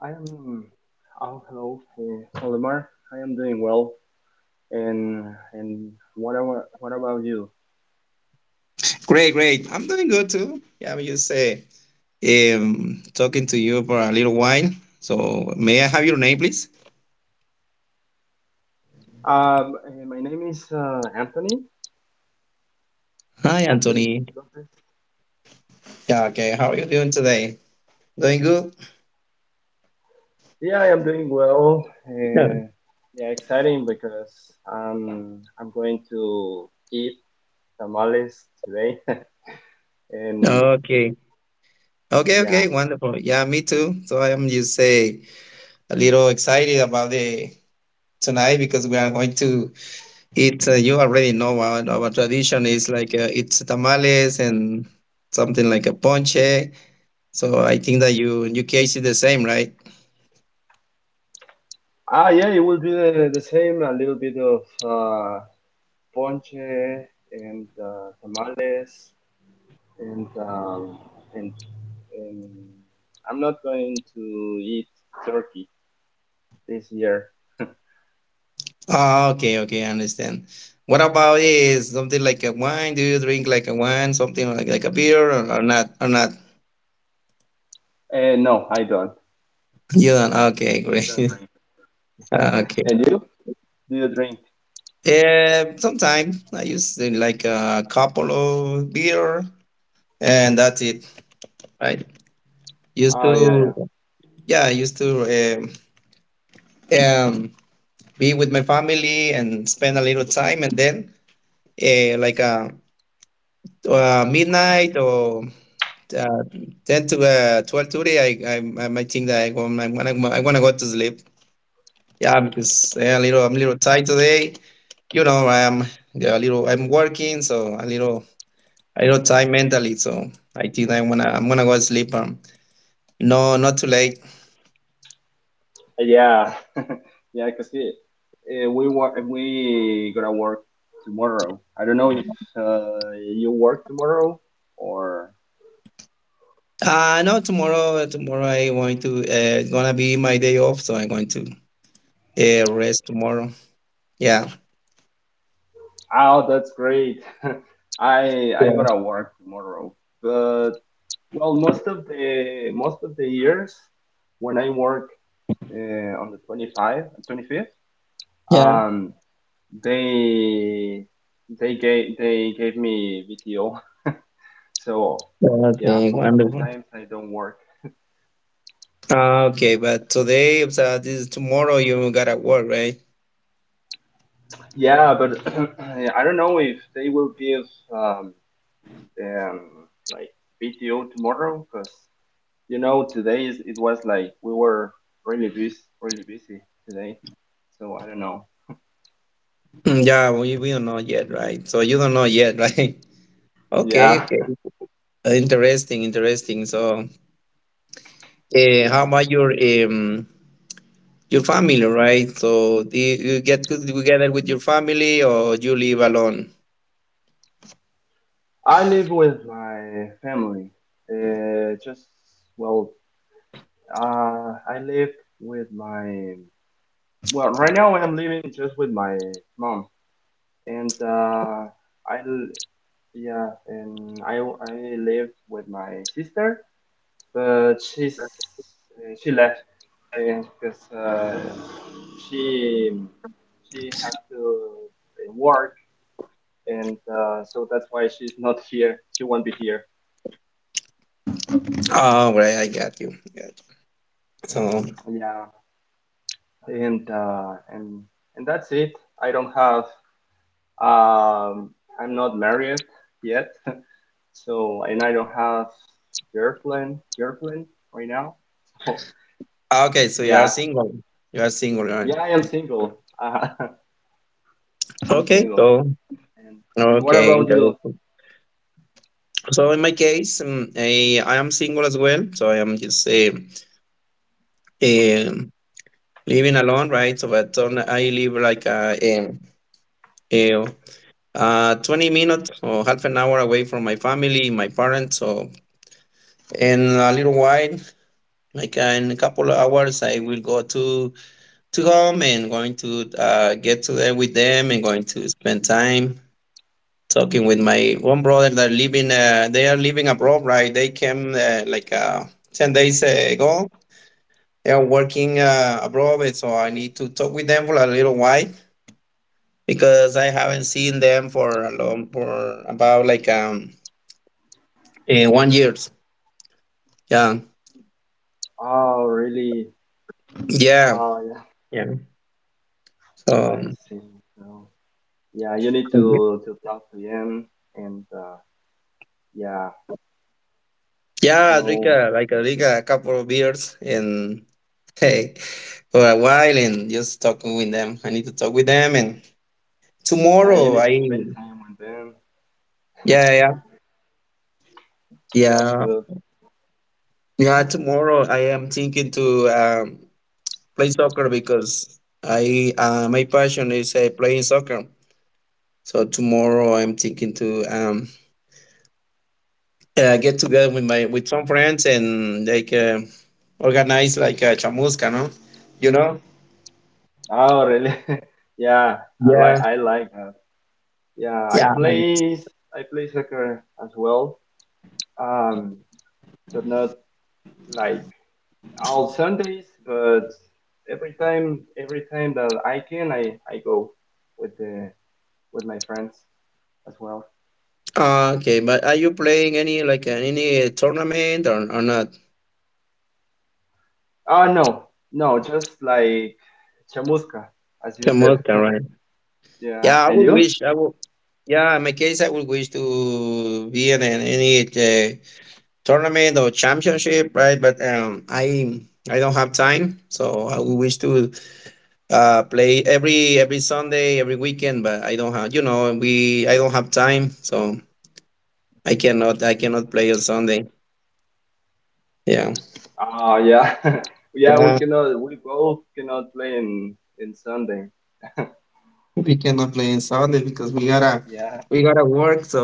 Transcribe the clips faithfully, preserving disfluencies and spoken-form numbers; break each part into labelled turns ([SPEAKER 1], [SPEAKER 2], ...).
[SPEAKER 1] I am. Oh, hello, uh, Olimar. I am doing well. And and what about what about you?
[SPEAKER 2] Great, great. I'm doing good too. Yeah, I'm just uh, um, talking to you for a little while. So, may I have your name, please?
[SPEAKER 1] Um, uh, my name is uh, Anthony.
[SPEAKER 2] Hi,
[SPEAKER 1] Anthony
[SPEAKER 2] Anthony.
[SPEAKER 1] Lopez.
[SPEAKER 2] Yeah, okay. How are you doing today? Doing good?
[SPEAKER 1] Yeah, I am doing well.
[SPEAKER 2] Yeah.
[SPEAKER 1] Uh, yeah, exciting because um, I'm going to eat tamales today. And
[SPEAKER 2] Okay. Okay,
[SPEAKER 1] yeah,
[SPEAKER 2] okay. Wonderful. Yeah, me too. So, I am just say a little excited about the tonight because we are going to eat. Uh, you already know our, our tradition is like uh, it's tamales and something like a ponche. So I think that you in your case is the same, right?
[SPEAKER 1] ah, yeah, it will be the, the same. A little bit of uh, ponche and uh, tamales. and um, and um, I'm not going to eat turkey this year.
[SPEAKER 2] Ah, okay, okay, I understand. What about is something like a wine? Do you drink like a wine, something like like a beer or, or not or not?
[SPEAKER 1] Uh, no, I don't.
[SPEAKER 2] You don't. Okay,
[SPEAKER 1] I
[SPEAKER 2] great.
[SPEAKER 1] don't drink.
[SPEAKER 2] Ah, okay.
[SPEAKER 1] And you? Do you drink?
[SPEAKER 2] Uh, sometimes I use uh, like a couple of beer, and that's it. Right? Used
[SPEAKER 1] Oh yeah,
[SPEAKER 2] to, yeah, I used to um, um, be with my family and spend a little time, and then uh, like uh uh midnight or Uh, ten to uh, twelve today. I I I might think that I want I wanna I wanna go to sleep. Yeah, because yeah, a little I'm a little tired today. You know, I'm, yeah, a little, I'm working, so a little a little tired mentally. So I think I wanna I'm gonna go to sleep. Um, no, not too late.
[SPEAKER 1] yeah, yeah, yeah. Cause it, uh, we work. We gonna work tomorrow. I don't know if uh, you work tomorrow or.
[SPEAKER 2] Uh no, tomorrow tomorrow I going to uh gonna be my day off, so I'm going to uh, rest tomorrow. Yeah.
[SPEAKER 1] Oh, that's great. I I gonna work tomorrow, but well, most of the most of the years when I work uh, on the twenty-five, twenty-fifth,
[SPEAKER 2] Yeah. Yeah.
[SPEAKER 1] um, they they gave they gave me V T O. So yeah,
[SPEAKER 2] Okay,
[SPEAKER 1] most of the
[SPEAKER 2] wonderful.
[SPEAKER 1] times I don't work.
[SPEAKER 2] Uh, okay, but today, so this is tomorrow. You gotta work, right?
[SPEAKER 1] Yeah, but I don't know if they will give um, um like V T O tomorrow because you know today is it was like we were really busy really busy today. So I don't know.
[SPEAKER 2] Mm, yeah, we, we don't know yet, right? So you don't know yet, right? Okay,
[SPEAKER 1] Yeah.
[SPEAKER 2] okay. Uh, Interesting, interesting. So, uh, how
[SPEAKER 1] Yeah.
[SPEAKER 2] about your um your family, right? So, do you, you get good together with your family or you live alone?
[SPEAKER 1] I live with my family. Uh, just well, uh, I live with my well right now I'm living just with my mom and uh, I l- yeah and I I live with my sister, but she's uh, she left and because uh, she she has to uh, work and uh, so that's why she's not here. She won't be here.
[SPEAKER 2] Oh, right, I got you. Got you. So,
[SPEAKER 1] Yeah. and uh, and and that's it. I don't have. Um, I'm not married yet, so and I don't have girlfriend girlfriend right now. So
[SPEAKER 2] ah, okay, so you are
[SPEAKER 1] yeah,
[SPEAKER 2] single. You are single, right?
[SPEAKER 1] yeah, I am single. Uh, I'm
[SPEAKER 2] Okay,
[SPEAKER 1] single.
[SPEAKER 2] so
[SPEAKER 1] And and what
[SPEAKER 2] okay,
[SPEAKER 1] about you?
[SPEAKER 2] interesting. So in my case, um, I, I am single as well. So I am just uh, um, living alone, right? So, but on, I live like uh, in, uh, uh, 20 minutes or half an hour away from my family, my parents. So, in a little while, like uh, in a couple of hours, I will go to to home and going to uh, get to there with them and going to spend time talking with my one brother that living. Uh, they are living abroad, right? They came uh, like uh, 10 days ago. They are working uh, abroad, and so I need to talk with them for a little while because I haven't seen them for a long for about like um eh, one years. Yeah,
[SPEAKER 1] Oh, really?
[SPEAKER 2] yeah,
[SPEAKER 1] Oh, yeah.
[SPEAKER 2] yeah.
[SPEAKER 1] I
[SPEAKER 2] So
[SPEAKER 1] see. So yeah, you need
[SPEAKER 2] Mhm.
[SPEAKER 1] to to talk to them, and uh, yeah.
[SPEAKER 2] Yeah, I drink
[SPEAKER 1] So
[SPEAKER 2] a, like I drink a couple of beers and hey for a while and just talk with them. I need to talk with them, and
[SPEAKER 1] yeah, you
[SPEAKER 2] tomorrow I
[SPEAKER 1] need to spend time with them.
[SPEAKER 2] yeah, yeah,
[SPEAKER 1] That's
[SPEAKER 2] yeah,
[SPEAKER 1] good.
[SPEAKER 2] yeah, tomorrow I am thinking to um play soccer because I uh, my passion is uh, playing soccer. So tomorrow I'm thinking to um uh, get together with my with some friends and like uh, organize like a chamusca, no? You know?
[SPEAKER 1] Oh, really? Yeah, I like
[SPEAKER 2] Yeah.
[SPEAKER 1] I like that. Yeah, I
[SPEAKER 2] Yeah.
[SPEAKER 1] play I play soccer as well. Um, but not like all Sundays, but every time every time that I can, I I go with the with my friends as well.
[SPEAKER 2] Uh, okay, but are you playing any like uh, any uh, tournament or or not?
[SPEAKER 1] Ah no, no, just like chamusca, as you said.
[SPEAKER 2] Chamusca, right?
[SPEAKER 1] Yeah,
[SPEAKER 2] Yeah, I
[SPEAKER 1] and
[SPEAKER 2] would
[SPEAKER 1] you?
[SPEAKER 2] wish I would. Yeah, in my case, I would wish to be in, an- any uh, tournament or championship, right? But um, I I don't have time, so I would wish to uh play every every Sunday, every weekend, but i don't have you know we i don't have time, so i cannot i cannot play on Sunday. Yeah,
[SPEAKER 1] Ah yeah, yeah. We
[SPEAKER 2] yeah,
[SPEAKER 1] cannot, we both cannot play in in Sunday.
[SPEAKER 2] we cannot play on Sunday because we gotta
[SPEAKER 1] Yeah.
[SPEAKER 2] we gotta work. So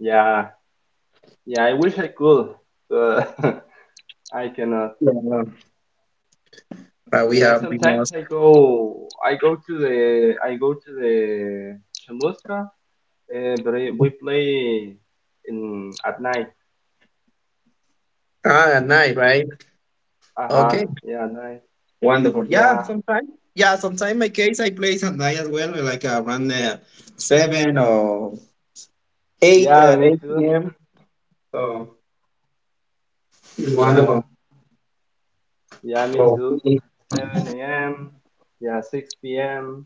[SPEAKER 1] Yeah, yeah, I wish I could. Uh, I cannot.
[SPEAKER 2] yeah, but
[SPEAKER 1] Yeah,
[SPEAKER 2] we
[SPEAKER 1] and
[SPEAKER 2] have we
[SPEAKER 1] sometimes
[SPEAKER 2] must
[SPEAKER 1] I go, I go to the, I go to the Chamusca, uh, but I- we play in at night.
[SPEAKER 2] ah at night, right?
[SPEAKER 1] Uh huh.
[SPEAKER 2] Okay,
[SPEAKER 1] Yeah, at night.
[SPEAKER 2] wonderful. Yeah,
[SPEAKER 1] Yeah,
[SPEAKER 2] sometimes, yeah, sometimes my case I play at night as well, like around uh, seven or eight
[SPEAKER 1] yeah,
[SPEAKER 2] uh,
[SPEAKER 1] me
[SPEAKER 2] eight
[SPEAKER 1] too.
[SPEAKER 2] p.m. So it's
[SPEAKER 1] Yeah,
[SPEAKER 2] wonderful,
[SPEAKER 1] yeah, me
[SPEAKER 2] so
[SPEAKER 1] too. seven a m. Yeah, six p m.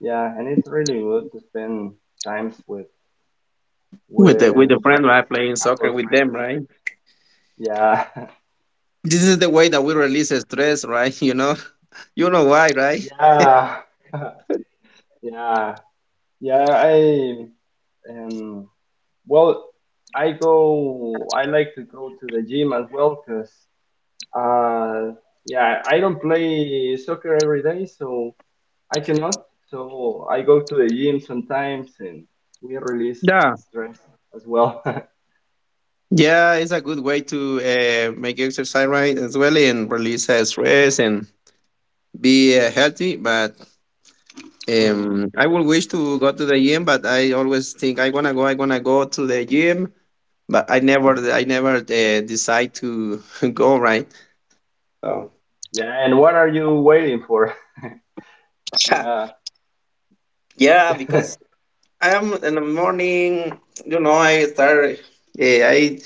[SPEAKER 1] Yeah, and it's really good to spend times with
[SPEAKER 2] with the with
[SPEAKER 1] with
[SPEAKER 2] the friend,
[SPEAKER 1] friends,
[SPEAKER 2] right, playing
[SPEAKER 1] with our
[SPEAKER 2] soccer with
[SPEAKER 1] friends.
[SPEAKER 2] them, right.
[SPEAKER 1] Yeah,
[SPEAKER 2] This is the way that we release stress, right. You know, you know why, right?
[SPEAKER 1] yeah. Yeah, yeah, I um well, I go I like to go to the gym as well, 'cause uh yeah, I don't play soccer every day, so I cannot. So I go to the gym sometimes and we release
[SPEAKER 2] Yeah,
[SPEAKER 1] stress as well.
[SPEAKER 2] yeah, it's a good way to uh, make exercise, right, as well, and release uh, stress and be uh, healthy. But
[SPEAKER 1] Mhm.
[SPEAKER 2] um I will wish to go to the gym, but I always think i want to go i want to go to the gym, but i never i never uh, decide to go, right. So
[SPEAKER 1] Yeah, and what are you waiting for? Yeah.
[SPEAKER 2] yeah, because I am in the morning. You know, I start. Yeah, I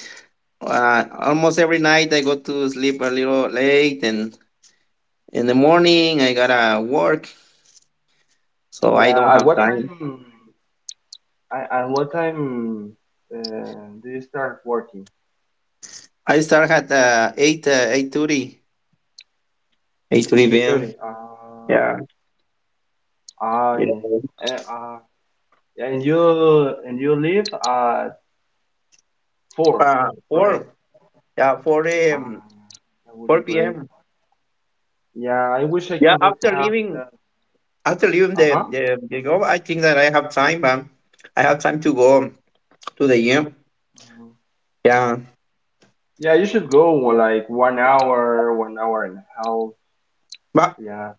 [SPEAKER 2] uh, almost every night I go to sleep a little late, and in the morning I gotta work, so I don't
[SPEAKER 1] Yeah, at
[SPEAKER 2] have
[SPEAKER 1] what
[SPEAKER 2] time.
[SPEAKER 1] time I at what time uh, do you start working?
[SPEAKER 2] I start at uh, eight uh, eight thirty. Eight thirty
[SPEAKER 1] eight thirty.
[SPEAKER 2] p m.
[SPEAKER 1] Uh.
[SPEAKER 2] Yeah.
[SPEAKER 1] Ah,
[SPEAKER 2] Yeah.
[SPEAKER 1] yeah. And, uh, yeah, and you and you live at four,
[SPEAKER 2] Uh,
[SPEAKER 1] right?
[SPEAKER 2] four. Yeah, four a.m.
[SPEAKER 1] Ah, that would be
[SPEAKER 2] Four
[SPEAKER 1] great.
[SPEAKER 2] p.m.
[SPEAKER 1] Yeah, I wish I
[SPEAKER 2] Yeah,
[SPEAKER 1] could
[SPEAKER 2] after
[SPEAKER 1] have
[SPEAKER 2] leaving,
[SPEAKER 1] that.
[SPEAKER 2] after leaving the,
[SPEAKER 1] Uh-huh.
[SPEAKER 2] the the job, I think that I have time. Um, I have time to go to the gym.
[SPEAKER 1] Mhm.
[SPEAKER 2] Yeah,
[SPEAKER 1] Yeah, you should go like one hour, one hour and a half.
[SPEAKER 2] but
[SPEAKER 1] Yeah,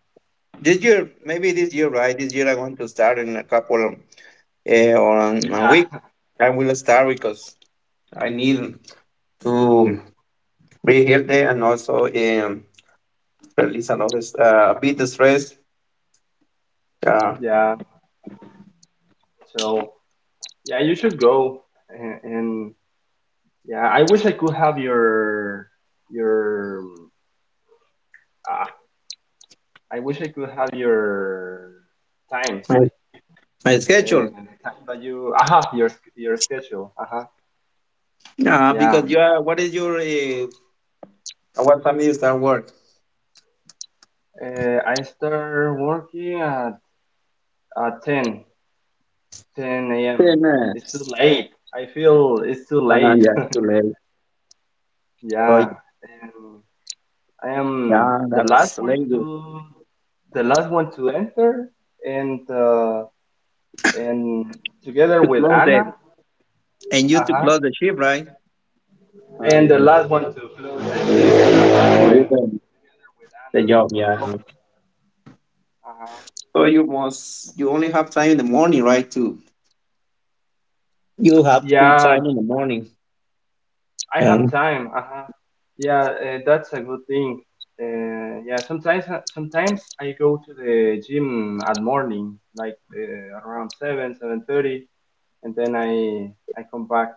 [SPEAKER 2] this year, maybe this year, right? This year I want to start in a couple uh, on a
[SPEAKER 1] yeah,
[SPEAKER 2] week. I will start because I need to be healthy and also um, release a lot of uh, a bit of stress. Uh,
[SPEAKER 1] yeah. So yeah, you should go. And, and yeah, I wish I could have your your. Ah, I wish I could have your time.
[SPEAKER 2] my,
[SPEAKER 1] Like.
[SPEAKER 2] my schedule.
[SPEAKER 1] uh, the time that you aha your sch- your schedule aha
[SPEAKER 2] Uh,
[SPEAKER 1] yeah
[SPEAKER 2] because you are, what is your uh, what time you start work?
[SPEAKER 1] uh, I start working at at ten ten
[SPEAKER 2] Ten
[SPEAKER 1] a m. It's too
[SPEAKER 2] minutes.
[SPEAKER 1] late. I feel it's too
[SPEAKER 2] Uh,
[SPEAKER 1] late.
[SPEAKER 2] yeah, too late.
[SPEAKER 1] Yeah,
[SPEAKER 2] So
[SPEAKER 1] and I am
[SPEAKER 2] yeah,
[SPEAKER 1] the
[SPEAKER 2] that's
[SPEAKER 1] last one
[SPEAKER 2] late. You-
[SPEAKER 1] to the last one to enter, and uh, and together
[SPEAKER 2] To
[SPEAKER 1] with
[SPEAKER 2] close the
[SPEAKER 1] Anna,
[SPEAKER 2] and you to
[SPEAKER 1] uh-huh,
[SPEAKER 2] close the ship, right?
[SPEAKER 1] and
[SPEAKER 2] And,
[SPEAKER 1] the
[SPEAKER 2] and
[SPEAKER 1] last one to close it. Uh,
[SPEAKER 2] to do
[SPEAKER 1] together
[SPEAKER 2] the,
[SPEAKER 1] with
[SPEAKER 2] the
[SPEAKER 1] Anna
[SPEAKER 2] job,
[SPEAKER 1] as well.
[SPEAKER 2] yeah.
[SPEAKER 1] Uh-huh.
[SPEAKER 2] So you must you only have time in the morning, right? Too. You have free
[SPEAKER 1] Yeah,
[SPEAKER 2] time in the morning.
[SPEAKER 1] I
[SPEAKER 2] Yeah.
[SPEAKER 1] have time. Uh-huh. Yeah, uh, that's a good thing. Uh, yeah, sometimes uh, sometimes I go to the gym at morning, like uh, around seven, seven thirty, and then I I come back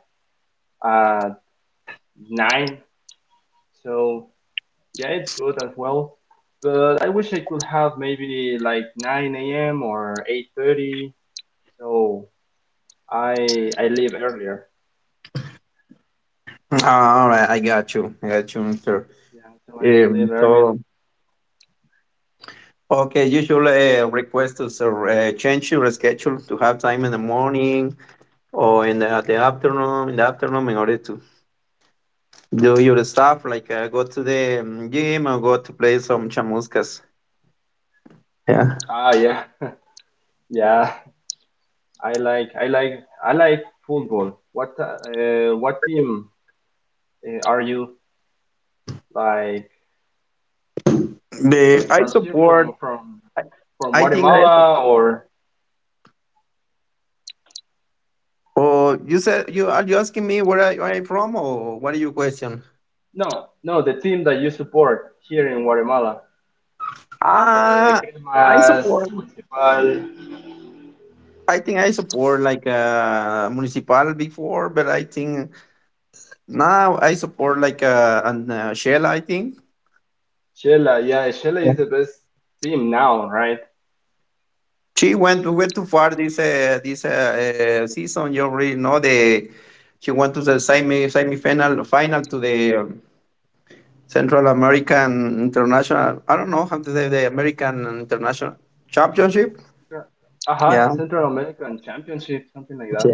[SPEAKER 1] at nine. So yeah, it's good as well. But I wish I could have maybe like nine a m or eight thirty. So I I leave earlier.
[SPEAKER 2] Ah, All right, I got you. I got you, Mister.
[SPEAKER 1] Yeah, so I could
[SPEAKER 2] Um,
[SPEAKER 1] leave earlier.
[SPEAKER 2] so okay, you should uh, request us uh, uh, change your schedule to have time in the morning or in the, the afternoon. In the afternoon, in order to do your stuff, like uh, go to the um, gym or go to play some chamuscas. Yeah.
[SPEAKER 1] Ah, yeah, yeah. I like I like I like football. What uh, what team uh, are you like uh,
[SPEAKER 2] The I
[SPEAKER 1] from here
[SPEAKER 2] support.
[SPEAKER 1] from from
[SPEAKER 2] I
[SPEAKER 1] from
[SPEAKER 2] I think I
[SPEAKER 1] Guatemala or
[SPEAKER 2] Oh, you said you are you asking me where I, where I'm from, or what are your question?
[SPEAKER 1] no no the team that you support here in Guatemala? Uh,
[SPEAKER 2] Ah, I
[SPEAKER 1] Cremas,
[SPEAKER 2] support.
[SPEAKER 1] Municipal,
[SPEAKER 2] I think I support like uh municipal before, but I think now I support like uh an uh, Shell. I think.
[SPEAKER 1] Shela. Yeah, Shela
[SPEAKER 2] Yeah,
[SPEAKER 1] is the best team now, right?
[SPEAKER 2] she went went too far this uh, this uh, uh, season. You already know the she went to the semi semi final final to the um, Central American International. I don't know how to say the American International Championship.
[SPEAKER 1] Uh huh.
[SPEAKER 2] Yeah.
[SPEAKER 1] Central American Championship, something like that.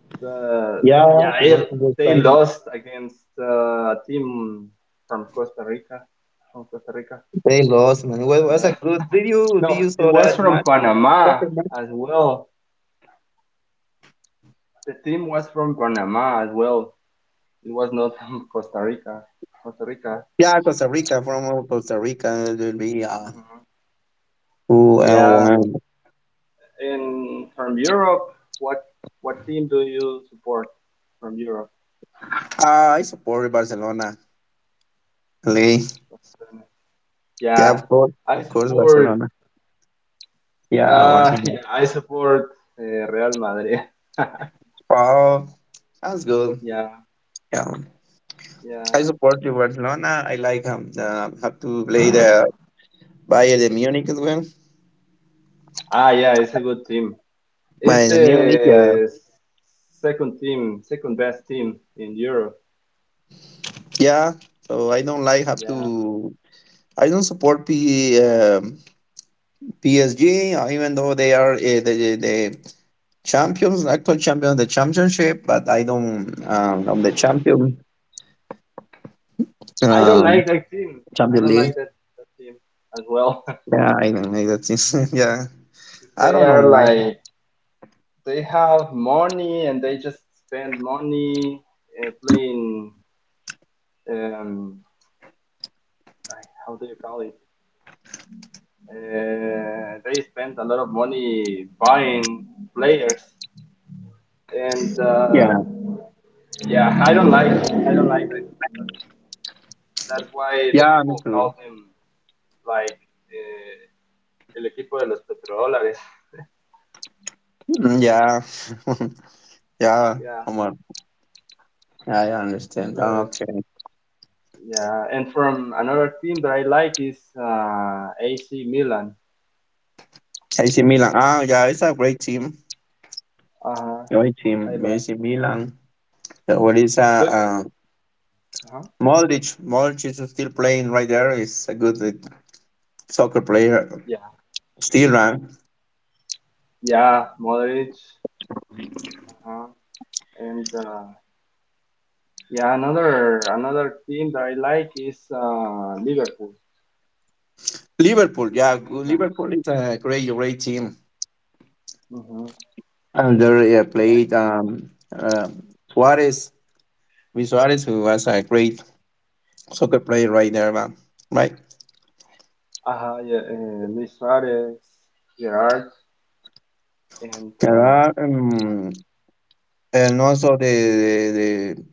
[SPEAKER 1] uh,
[SPEAKER 2] Yeah,
[SPEAKER 1] yeah,
[SPEAKER 2] she went to the
[SPEAKER 1] they
[SPEAKER 2] time.
[SPEAKER 1] lost against uh, a team from Costa Rica. From Costa Rica.
[SPEAKER 2] They lost, man. It wa- was
[SPEAKER 1] Uh,
[SPEAKER 2] a good. Did you did
[SPEAKER 1] no,
[SPEAKER 2] you
[SPEAKER 1] it
[SPEAKER 2] saw
[SPEAKER 1] was
[SPEAKER 2] that
[SPEAKER 1] from
[SPEAKER 2] match?
[SPEAKER 1] Panama
[SPEAKER 2] Soccer match?
[SPEAKER 1] as well. The team was from Panama as well. It was not from Costa Rica. Costa Rica.
[SPEAKER 2] Yeah, Costa Rica, from Costa Rica. It will be uh,
[SPEAKER 1] Mhm.
[SPEAKER 2] who uh,
[SPEAKER 1] Yeah.
[SPEAKER 2] won?
[SPEAKER 1] And from Europe, what what team do you support from Europe?
[SPEAKER 2] Uh, I support Barcelona. Lee. Yeah,
[SPEAKER 1] Yeah,
[SPEAKER 2] of course,
[SPEAKER 1] I
[SPEAKER 2] of course,
[SPEAKER 1] support.
[SPEAKER 2] Barcelona. Yeah,
[SPEAKER 1] Uh,
[SPEAKER 2] Barcelona.
[SPEAKER 1] yeah, I support uh, Real Madrid.
[SPEAKER 2] Oh, that's good.
[SPEAKER 1] Yeah.
[SPEAKER 2] Yeah, I
[SPEAKER 1] Yeah.
[SPEAKER 2] support you, Barcelona. I like um, uh, have to play the Bayern de Munich as well.
[SPEAKER 1] Ah, yeah, it's a good team. It's
[SPEAKER 2] Bayern de Munich. Yeah,
[SPEAKER 1] the second team, second best team in Europe.
[SPEAKER 2] yeah. So I don't like have
[SPEAKER 1] Yeah.
[SPEAKER 2] to I don't support P, um, P S G, uh, even though they are uh, the, the champions, actual champions of the championship, but I don't um, of the champion
[SPEAKER 1] I don't
[SPEAKER 2] um
[SPEAKER 1] like that team. I
[SPEAKER 2] champion
[SPEAKER 1] don't
[SPEAKER 2] league.
[SPEAKER 1] like that, that team as well.
[SPEAKER 2] Yeah, I don't like that. Thing. Yeah, I
[SPEAKER 1] They
[SPEAKER 2] don't
[SPEAKER 1] are
[SPEAKER 2] know why.
[SPEAKER 1] like, they have money and they just spend money uh, playing, um, like, how do you call it? Uh, they spend a lot of money buying players. And uh,
[SPEAKER 2] Yeah,
[SPEAKER 1] yeah, I don't like, I don't like that. That's why the
[SPEAKER 2] yeah, me
[SPEAKER 1] people
[SPEAKER 2] too.
[SPEAKER 1] call him like eh, el equipo de los petrodólares.
[SPEAKER 2] Mm, yeah, yeah.
[SPEAKER 1] Yeah,
[SPEAKER 2] Come on, yeah, I understand.
[SPEAKER 1] but
[SPEAKER 2] Okay,
[SPEAKER 1] yeah, and from another team that I like is uh, A C Milan.
[SPEAKER 2] A C Milan. Ah, yeah, it's a great team.
[SPEAKER 1] Uh huh.
[SPEAKER 2] Great
[SPEAKER 1] I
[SPEAKER 2] team,
[SPEAKER 1] like.
[SPEAKER 2] A C Milan. Yeah, what is uh,
[SPEAKER 1] Do you?
[SPEAKER 2] uh
[SPEAKER 1] Uh-huh.
[SPEAKER 2] Modric? Modric is still playing right there. He's a good uh, soccer player
[SPEAKER 1] Yeah.
[SPEAKER 2] still, right.
[SPEAKER 1] Yeah, Modric. Uh-huh. And uh, yeah, another another team that I like is uh, Liverpool
[SPEAKER 2] Liverpool, yeah,
[SPEAKER 1] from
[SPEAKER 2] good-
[SPEAKER 1] England.
[SPEAKER 2] Liverpool is a great, great team.
[SPEAKER 1] Mm-hmm.
[SPEAKER 2] And they uh,
[SPEAKER 1] Yeah.
[SPEAKER 2] played um, uh, Suarez, Luis Suarez, who was a great soccer player right there, man. Right.
[SPEAKER 1] Uh-huh, yeah, uh, Luis Suarez, Gerard, and
[SPEAKER 2] There
[SPEAKER 1] uh,
[SPEAKER 2] are,
[SPEAKER 1] yeah,
[SPEAKER 2] um, and also the the,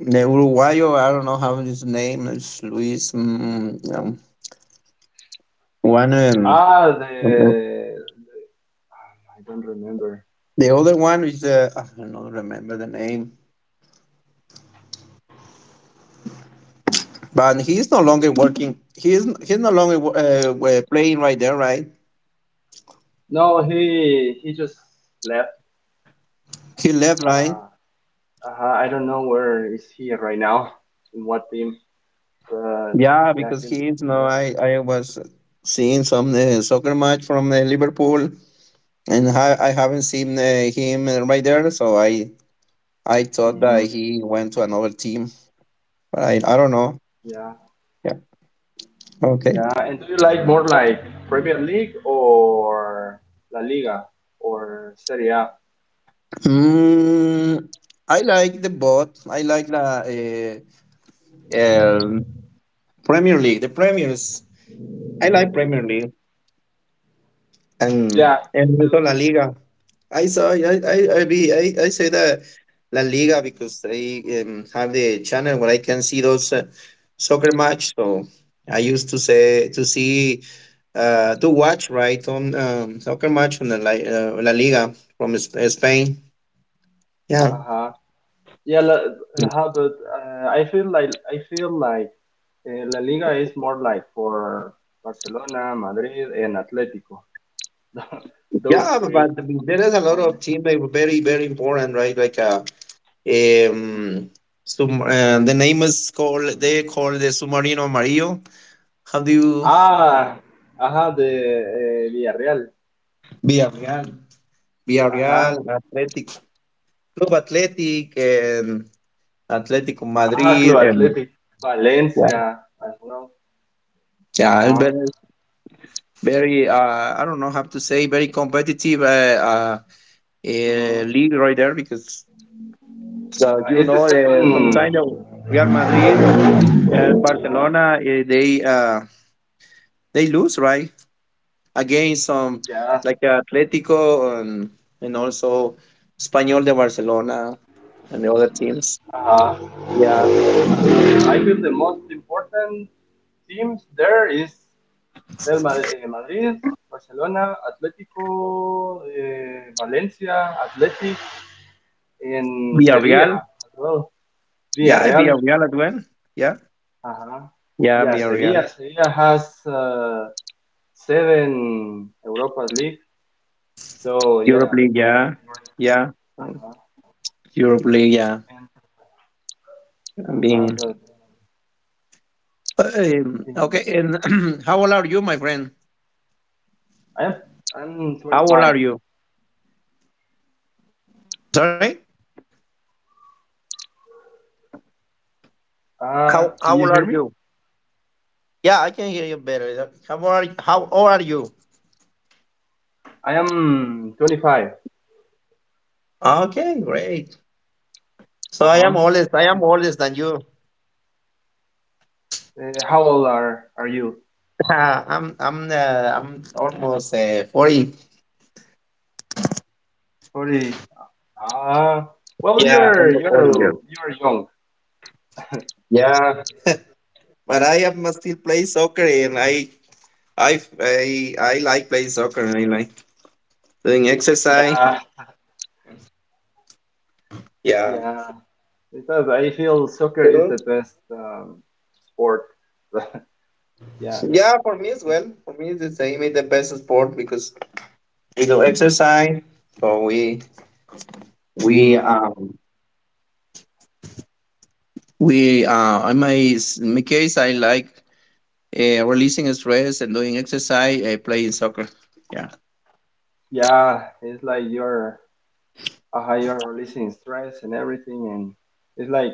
[SPEAKER 2] the, the Uruguayo, I don't know how his name is, Luis. Um, um, one, um,
[SPEAKER 1] ah, the I don't remember.
[SPEAKER 2] the other one is uh, I don't know, remember the name, but he's no longer working. He's he's no longer wo- uh, wa- playing right there, right?
[SPEAKER 1] No, he he just left.
[SPEAKER 2] He left, right?
[SPEAKER 1] Uh, uh, I don't know where is he right now, in what team. But
[SPEAKER 2] Yeah,
[SPEAKER 1] yeah,
[SPEAKER 2] because
[SPEAKER 1] he,
[SPEAKER 2] he is
[SPEAKER 1] he
[SPEAKER 2] now.
[SPEAKER 1] left.
[SPEAKER 2] I, I was seeing some uh, soccer match from uh, Liverpool, and I, I haven't seen uh, him uh, right there. So I I thought that
[SPEAKER 1] Hmm.
[SPEAKER 2] he went to another team, but I, I don't know.
[SPEAKER 1] Yeah,
[SPEAKER 2] Yeah. Okay.
[SPEAKER 1] yeah. And do you like more like Premier League or La Liga or Serie A?
[SPEAKER 2] Mm, I like the bot. I like the uh, um Premier League. The Premiers. I like Premier League. And
[SPEAKER 1] Yeah, me
[SPEAKER 2] and also
[SPEAKER 1] too.
[SPEAKER 2] La Liga. I saw I I I be I, I say that La Liga because I um, have the channel where I can see those uh, soccer match. So I used to say to see uh to watch right on um, soccer match on the La, uh, La Liga from Sp- Spain. Yeah.
[SPEAKER 1] Uh-huh. Yeah, la, how but uh, I feel like I feel like uh, La Liga is more like for Barcelona, Madrid, and Atletico. Those
[SPEAKER 2] Yeah,
[SPEAKER 1] three
[SPEAKER 2] but there is a lot
[SPEAKER 1] only.
[SPEAKER 2] of team that were very, very important, right? Like uh,
[SPEAKER 1] Mhm.
[SPEAKER 2] um, sum, uh, the name is called they call the Submarino Amarillo. How do you
[SPEAKER 1] Ah, ajá, de eh, Villarreal.
[SPEAKER 2] Villarreal, Villarreal,
[SPEAKER 1] Ajá,
[SPEAKER 2] Athletic Club Athletic, and Atletico
[SPEAKER 1] ajá,
[SPEAKER 2] Madrid,
[SPEAKER 1] Club
[SPEAKER 2] and
[SPEAKER 1] Athletic,
[SPEAKER 2] yeah,
[SPEAKER 1] Valencia as well.
[SPEAKER 2] yeah,
[SPEAKER 1] Ajá,
[SPEAKER 2] it's very, very. Uh, I don't know how to say very competitive uh, uh, uh,
[SPEAKER 1] mhm.
[SPEAKER 2] league right there because uh,
[SPEAKER 1] Uh,
[SPEAKER 2] you
[SPEAKER 1] it's the
[SPEAKER 2] know uh,
[SPEAKER 1] second.
[SPEAKER 2] sometimes uh, Real Madrid and Barcelona uh, they uh, they lose right against some
[SPEAKER 1] Yeah,
[SPEAKER 2] like Atletico and and also Espanyol de Barcelona and the other teams.
[SPEAKER 1] ajá.
[SPEAKER 2] Yeah.
[SPEAKER 1] I feel the most important teams there is. Real Ma- eh, Madrid, Barcelona, Atlético, eh, Valencia, Athletic, and
[SPEAKER 2] Villarreal.
[SPEAKER 1] Sevilla as well.
[SPEAKER 2] Yeah,
[SPEAKER 1] Villarreal.
[SPEAKER 2] Villarreal as well. Yeah.
[SPEAKER 1] Uh-huh.
[SPEAKER 2] Yeah,
[SPEAKER 1] Yeah,
[SPEAKER 2] Villarreal.
[SPEAKER 1] Sevilla. Sevilla has uh, seven Europa League. So
[SPEAKER 2] Europe
[SPEAKER 1] yeah,
[SPEAKER 2] League, yeah. Yeah.
[SPEAKER 1] uh-huh.
[SPEAKER 2] Europe League, yeah.
[SPEAKER 1] And
[SPEAKER 2] I
[SPEAKER 1] uh-huh,
[SPEAKER 2] mean,
[SPEAKER 1] but
[SPEAKER 2] uh, um,
[SPEAKER 1] um,
[SPEAKER 2] okay. And how old are you, my friend?
[SPEAKER 1] I am I'm
[SPEAKER 2] How old
[SPEAKER 1] twenty-five.
[SPEAKER 2] are you? I'm sorry?
[SPEAKER 1] Uh,
[SPEAKER 2] How,
[SPEAKER 1] can
[SPEAKER 2] how
[SPEAKER 1] you
[SPEAKER 2] old
[SPEAKER 1] hear
[SPEAKER 2] are
[SPEAKER 1] me?
[SPEAKER 2] you? Yeah, I can hear you better. How old are, how old are you?
[SPEAKER 1] I am twenty-five.
[SPEAKER 2] Okay, great. So I
[SPEAKER 1] Uh-huh. Uh,
[SPEAKER 2] am oldest. I am oldest than you.
[SPEAKER 1] how old are are you?
[SPEAKER 2] I'm I'm uh, I'm almost uh, forty.
[SPEAKER 1] forty. Ah, well,
[SPEAKER 2] Yeah,
[SPEAKER 1] you're
[SPEAKER 2] almost forty
[SPEAKER 1] you're
[SPEAKER 2] years.
[SPEAKER 1] you're young.
[SPEAKER 2] Yeah, but I am still play soccer and I I I I like playing soccer. I like doing exercise.
[SPEAKER 1] Yeah,
[SPEAKER 2] Yeah.
[SPEAKER 1] yeah. Because I feel soccer is
[SPEAKER 2] Mhm.
[SPEAKER 1] the best um, sport. Yeah.
[SPEAKER 2] Yeah, for me as well. For me, it's the same. It's the best sport because we do exercise. So we we
[SPEAKER 1] Hmm.
[SPEAKER 2] um we uh in my s- in my case, I like uh, releasing stress and doing exercise. Uh, playing soccer. Yeah.
[SPEAKER 1] Yeah, it's like you're uh, you're releasing stress and everything, and it's like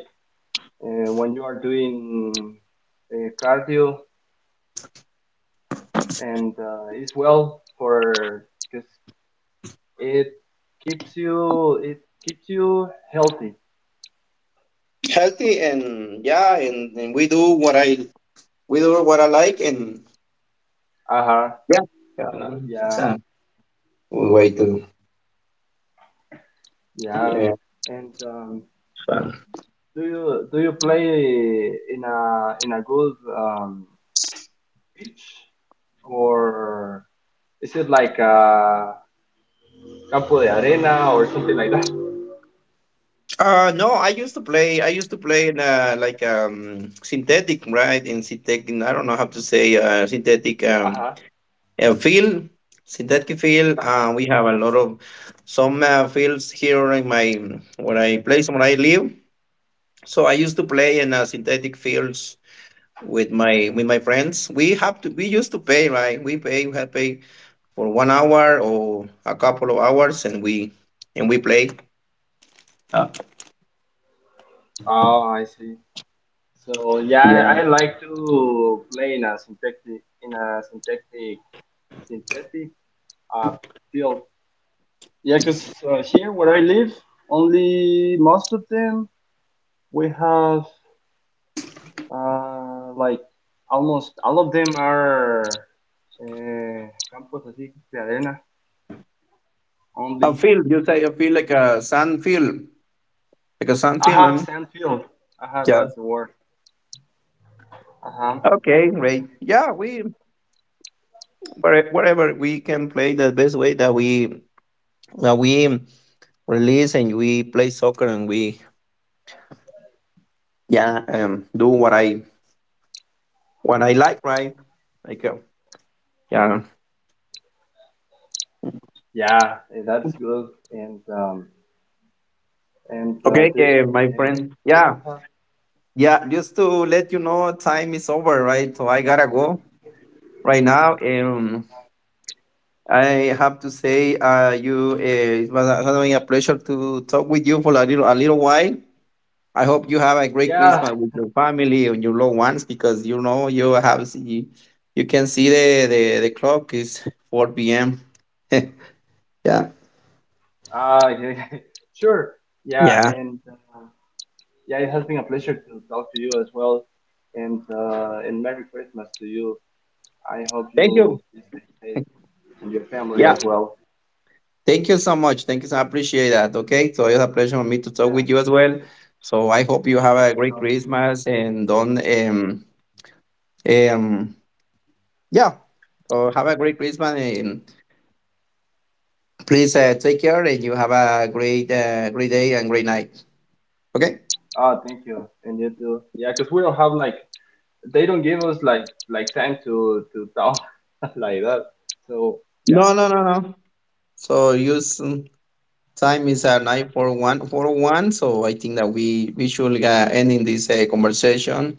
[SPEAKER 1] uh, when you are doing uh, cardio, and uh, it's well for because it keeps you, it keeps you healthy.
[SPEAKER 2] Healthy and yeah, and, and we do what I we do what I like and
[SPEAKER 1] Uh-huh.
[SPEAKER 2] yeah. Yeah, it's
[SPEAKER 1] Yeah.
[SPEAKER 2] a good way to
[SPEAKER 1] Yeah,
[SPEAKER 2] yeah.
[SPEAKER 1] and um, do you do you play in a in a good um, pitch or is it like a campo de arena or something like that?
[SPEAKER 2] Uh, no, I used to play. I used to play in uh, like um, synthetic, right? In synthetic, I don't know how to say uh, synthetic um,
[SPEAKER 1] Uh-huh,
[SPEAKER 2] uh, field, synthetic field.
[SPEAKER 1] uh-huh.
[SPEAKER 2] Uh, we have a lot of some uh, fields here in my where I place where I live. So I used to play in uh, synthetic fields with my with my friends. We have to. We used to pay, right? We pay. We have pay for one hour or a couple of hours, and we and we play.
[SPEAKER 1] Oh, I see. So yeah, I like to play in a synthetic in a synthetic synthetic uh, field. Yeah, 'cause uh, here where I live, only most of them we have Uh, like almost all of them are uh, campos así de arena
[SPEAKER 2] A
[SPEAKER 1] only.
[SPEAKER 2] field, you say a field like a sand field because I'm
[SPEAKER 1] Aha,
[SPEAKER 2] feeling,
[SPEAKER 1] sandfield. Aha,
[SPEAKER 2] yeah,
[SPEAKER 1] that's the word. Aha.
[SPEAKER 2] okay, great, yeah, we where- wherever we can play the best way that we that we release and we play soccer and we, yeah um do what I what I like, right? Like uh, yeah.
[SPEAKER 1] Yeah, eh, that's good. And um, and uh,
[SPEAKER 2] Okay,
[SPEAKER 1] do,
[SPEAKER 2] eh, my
[SPEAKER 1] uh,
[SPEAKER 2] friend,
[SPEAKER 1] do you
[SPEAKER 2] yeah,
[SPEAKER 1] have?
[SPEAKER 2] yeah, just to let you know time is over, right? So I gotta go right now. um I have to say uh you uh, it was having a pleasure to talk with you for a little a little while. I hope you have a great
[SPEAKER 1] Yeah.
[SPEAKER 2] Christmas with your family and your loved ones, because you know you have you, you can see the, the the clock is four p m Yeah.
[SPEAKER 1] Ah, yeah, yeah, sure. Yeah,
[SPEAKER 2] Yeah.
[SPEAKER 1] and uh, yeah, it has been a pleasure to talk to you as well. And uh, and Merry Christmas to you. I hope
[SPEAKER 2] Thank you.
[SPEAKER 1] you stay safe and your family
[SPEAKER 2] Yeah.
[SPEAKER 1] as well.
[SPEAKER 2] Thank you so much. Thank you. So I appreciate that. Okay. So it's a pleasure for me to talk
[SPEAKER 1] Yeah,
[SPEAKER 2] with you as well.
[SPEAKER 1] it,
[SPEAKER 2] So I hope
[SPEAKER 1] it
[SPEAKER 2] you
[SPEAKER 1] was
[SPEAKER 2] have
[SPEAKER 1] good
[SPEAKER 2] a
[SPEAKER 1] to
[SPEAKER 2] great
[SPEAKER 1] talk to you.
[SPEAKER 2] Christmas and don't um um yeah. So have a great Christmas and please, uh, take care, and you have a great uh, great day and great night. Okay.
[SPEAKER 1] Ah, thank you, and you too. Yeah, because we don't have like they don't give us like like time to to talk like that. So yeah.
[SPEAKER 2] No, no, no, no. So use, um, time is at nine four one four one. So I think that we we should uh, end in this uh, conversation.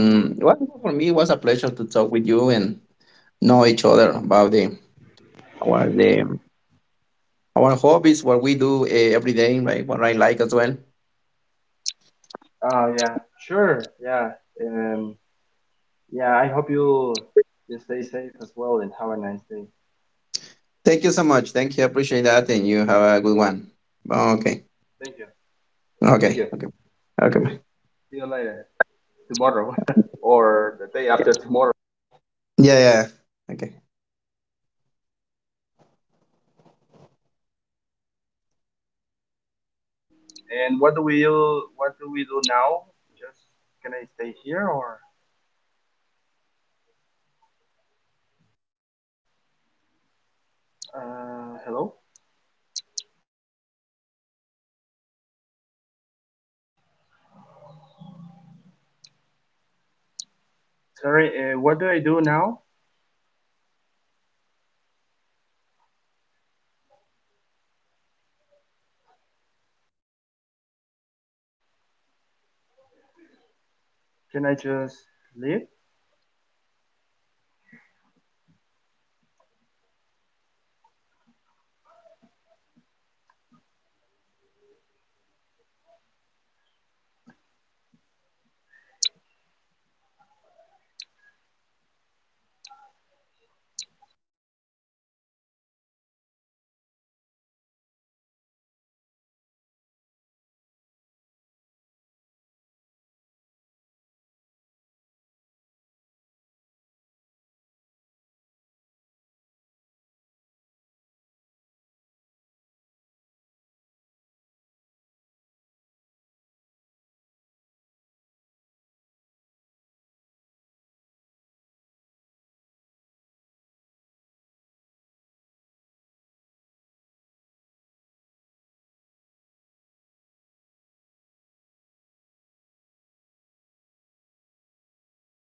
[SPEAKER 1] Mm-hmm.
[SPEAKER 2] well, for me, it was a pleasure to talk with you and know each other about the our the our hobbies, what we do uh, every day, right? What I like as well.
[SPEAKER 1] Ah, yeah, sure. Yeah. Um. Yeah, I hope you you stay safe as well and have a nice day.
[SPEAKER 2] Thank you so much. Thank you. I appreciate that, and you have a good one. Okay.
[SPEAKER 1] Thank you. Thank
[SPEAKER 2] Okay.
[SPEAKER 1] you.
[SPEAKER 2] Okay. Okay.
[SPEAKER 1] See you later tomorrow or the day after tomorrow.
[SPEAKER 2] Yeah. Yeah. Okay.
[SPEAKER 1] And what do we do? What do we do now? Just can I stay here or? Uh, hello. Sorry, uh, what do I do now? Can I just leave?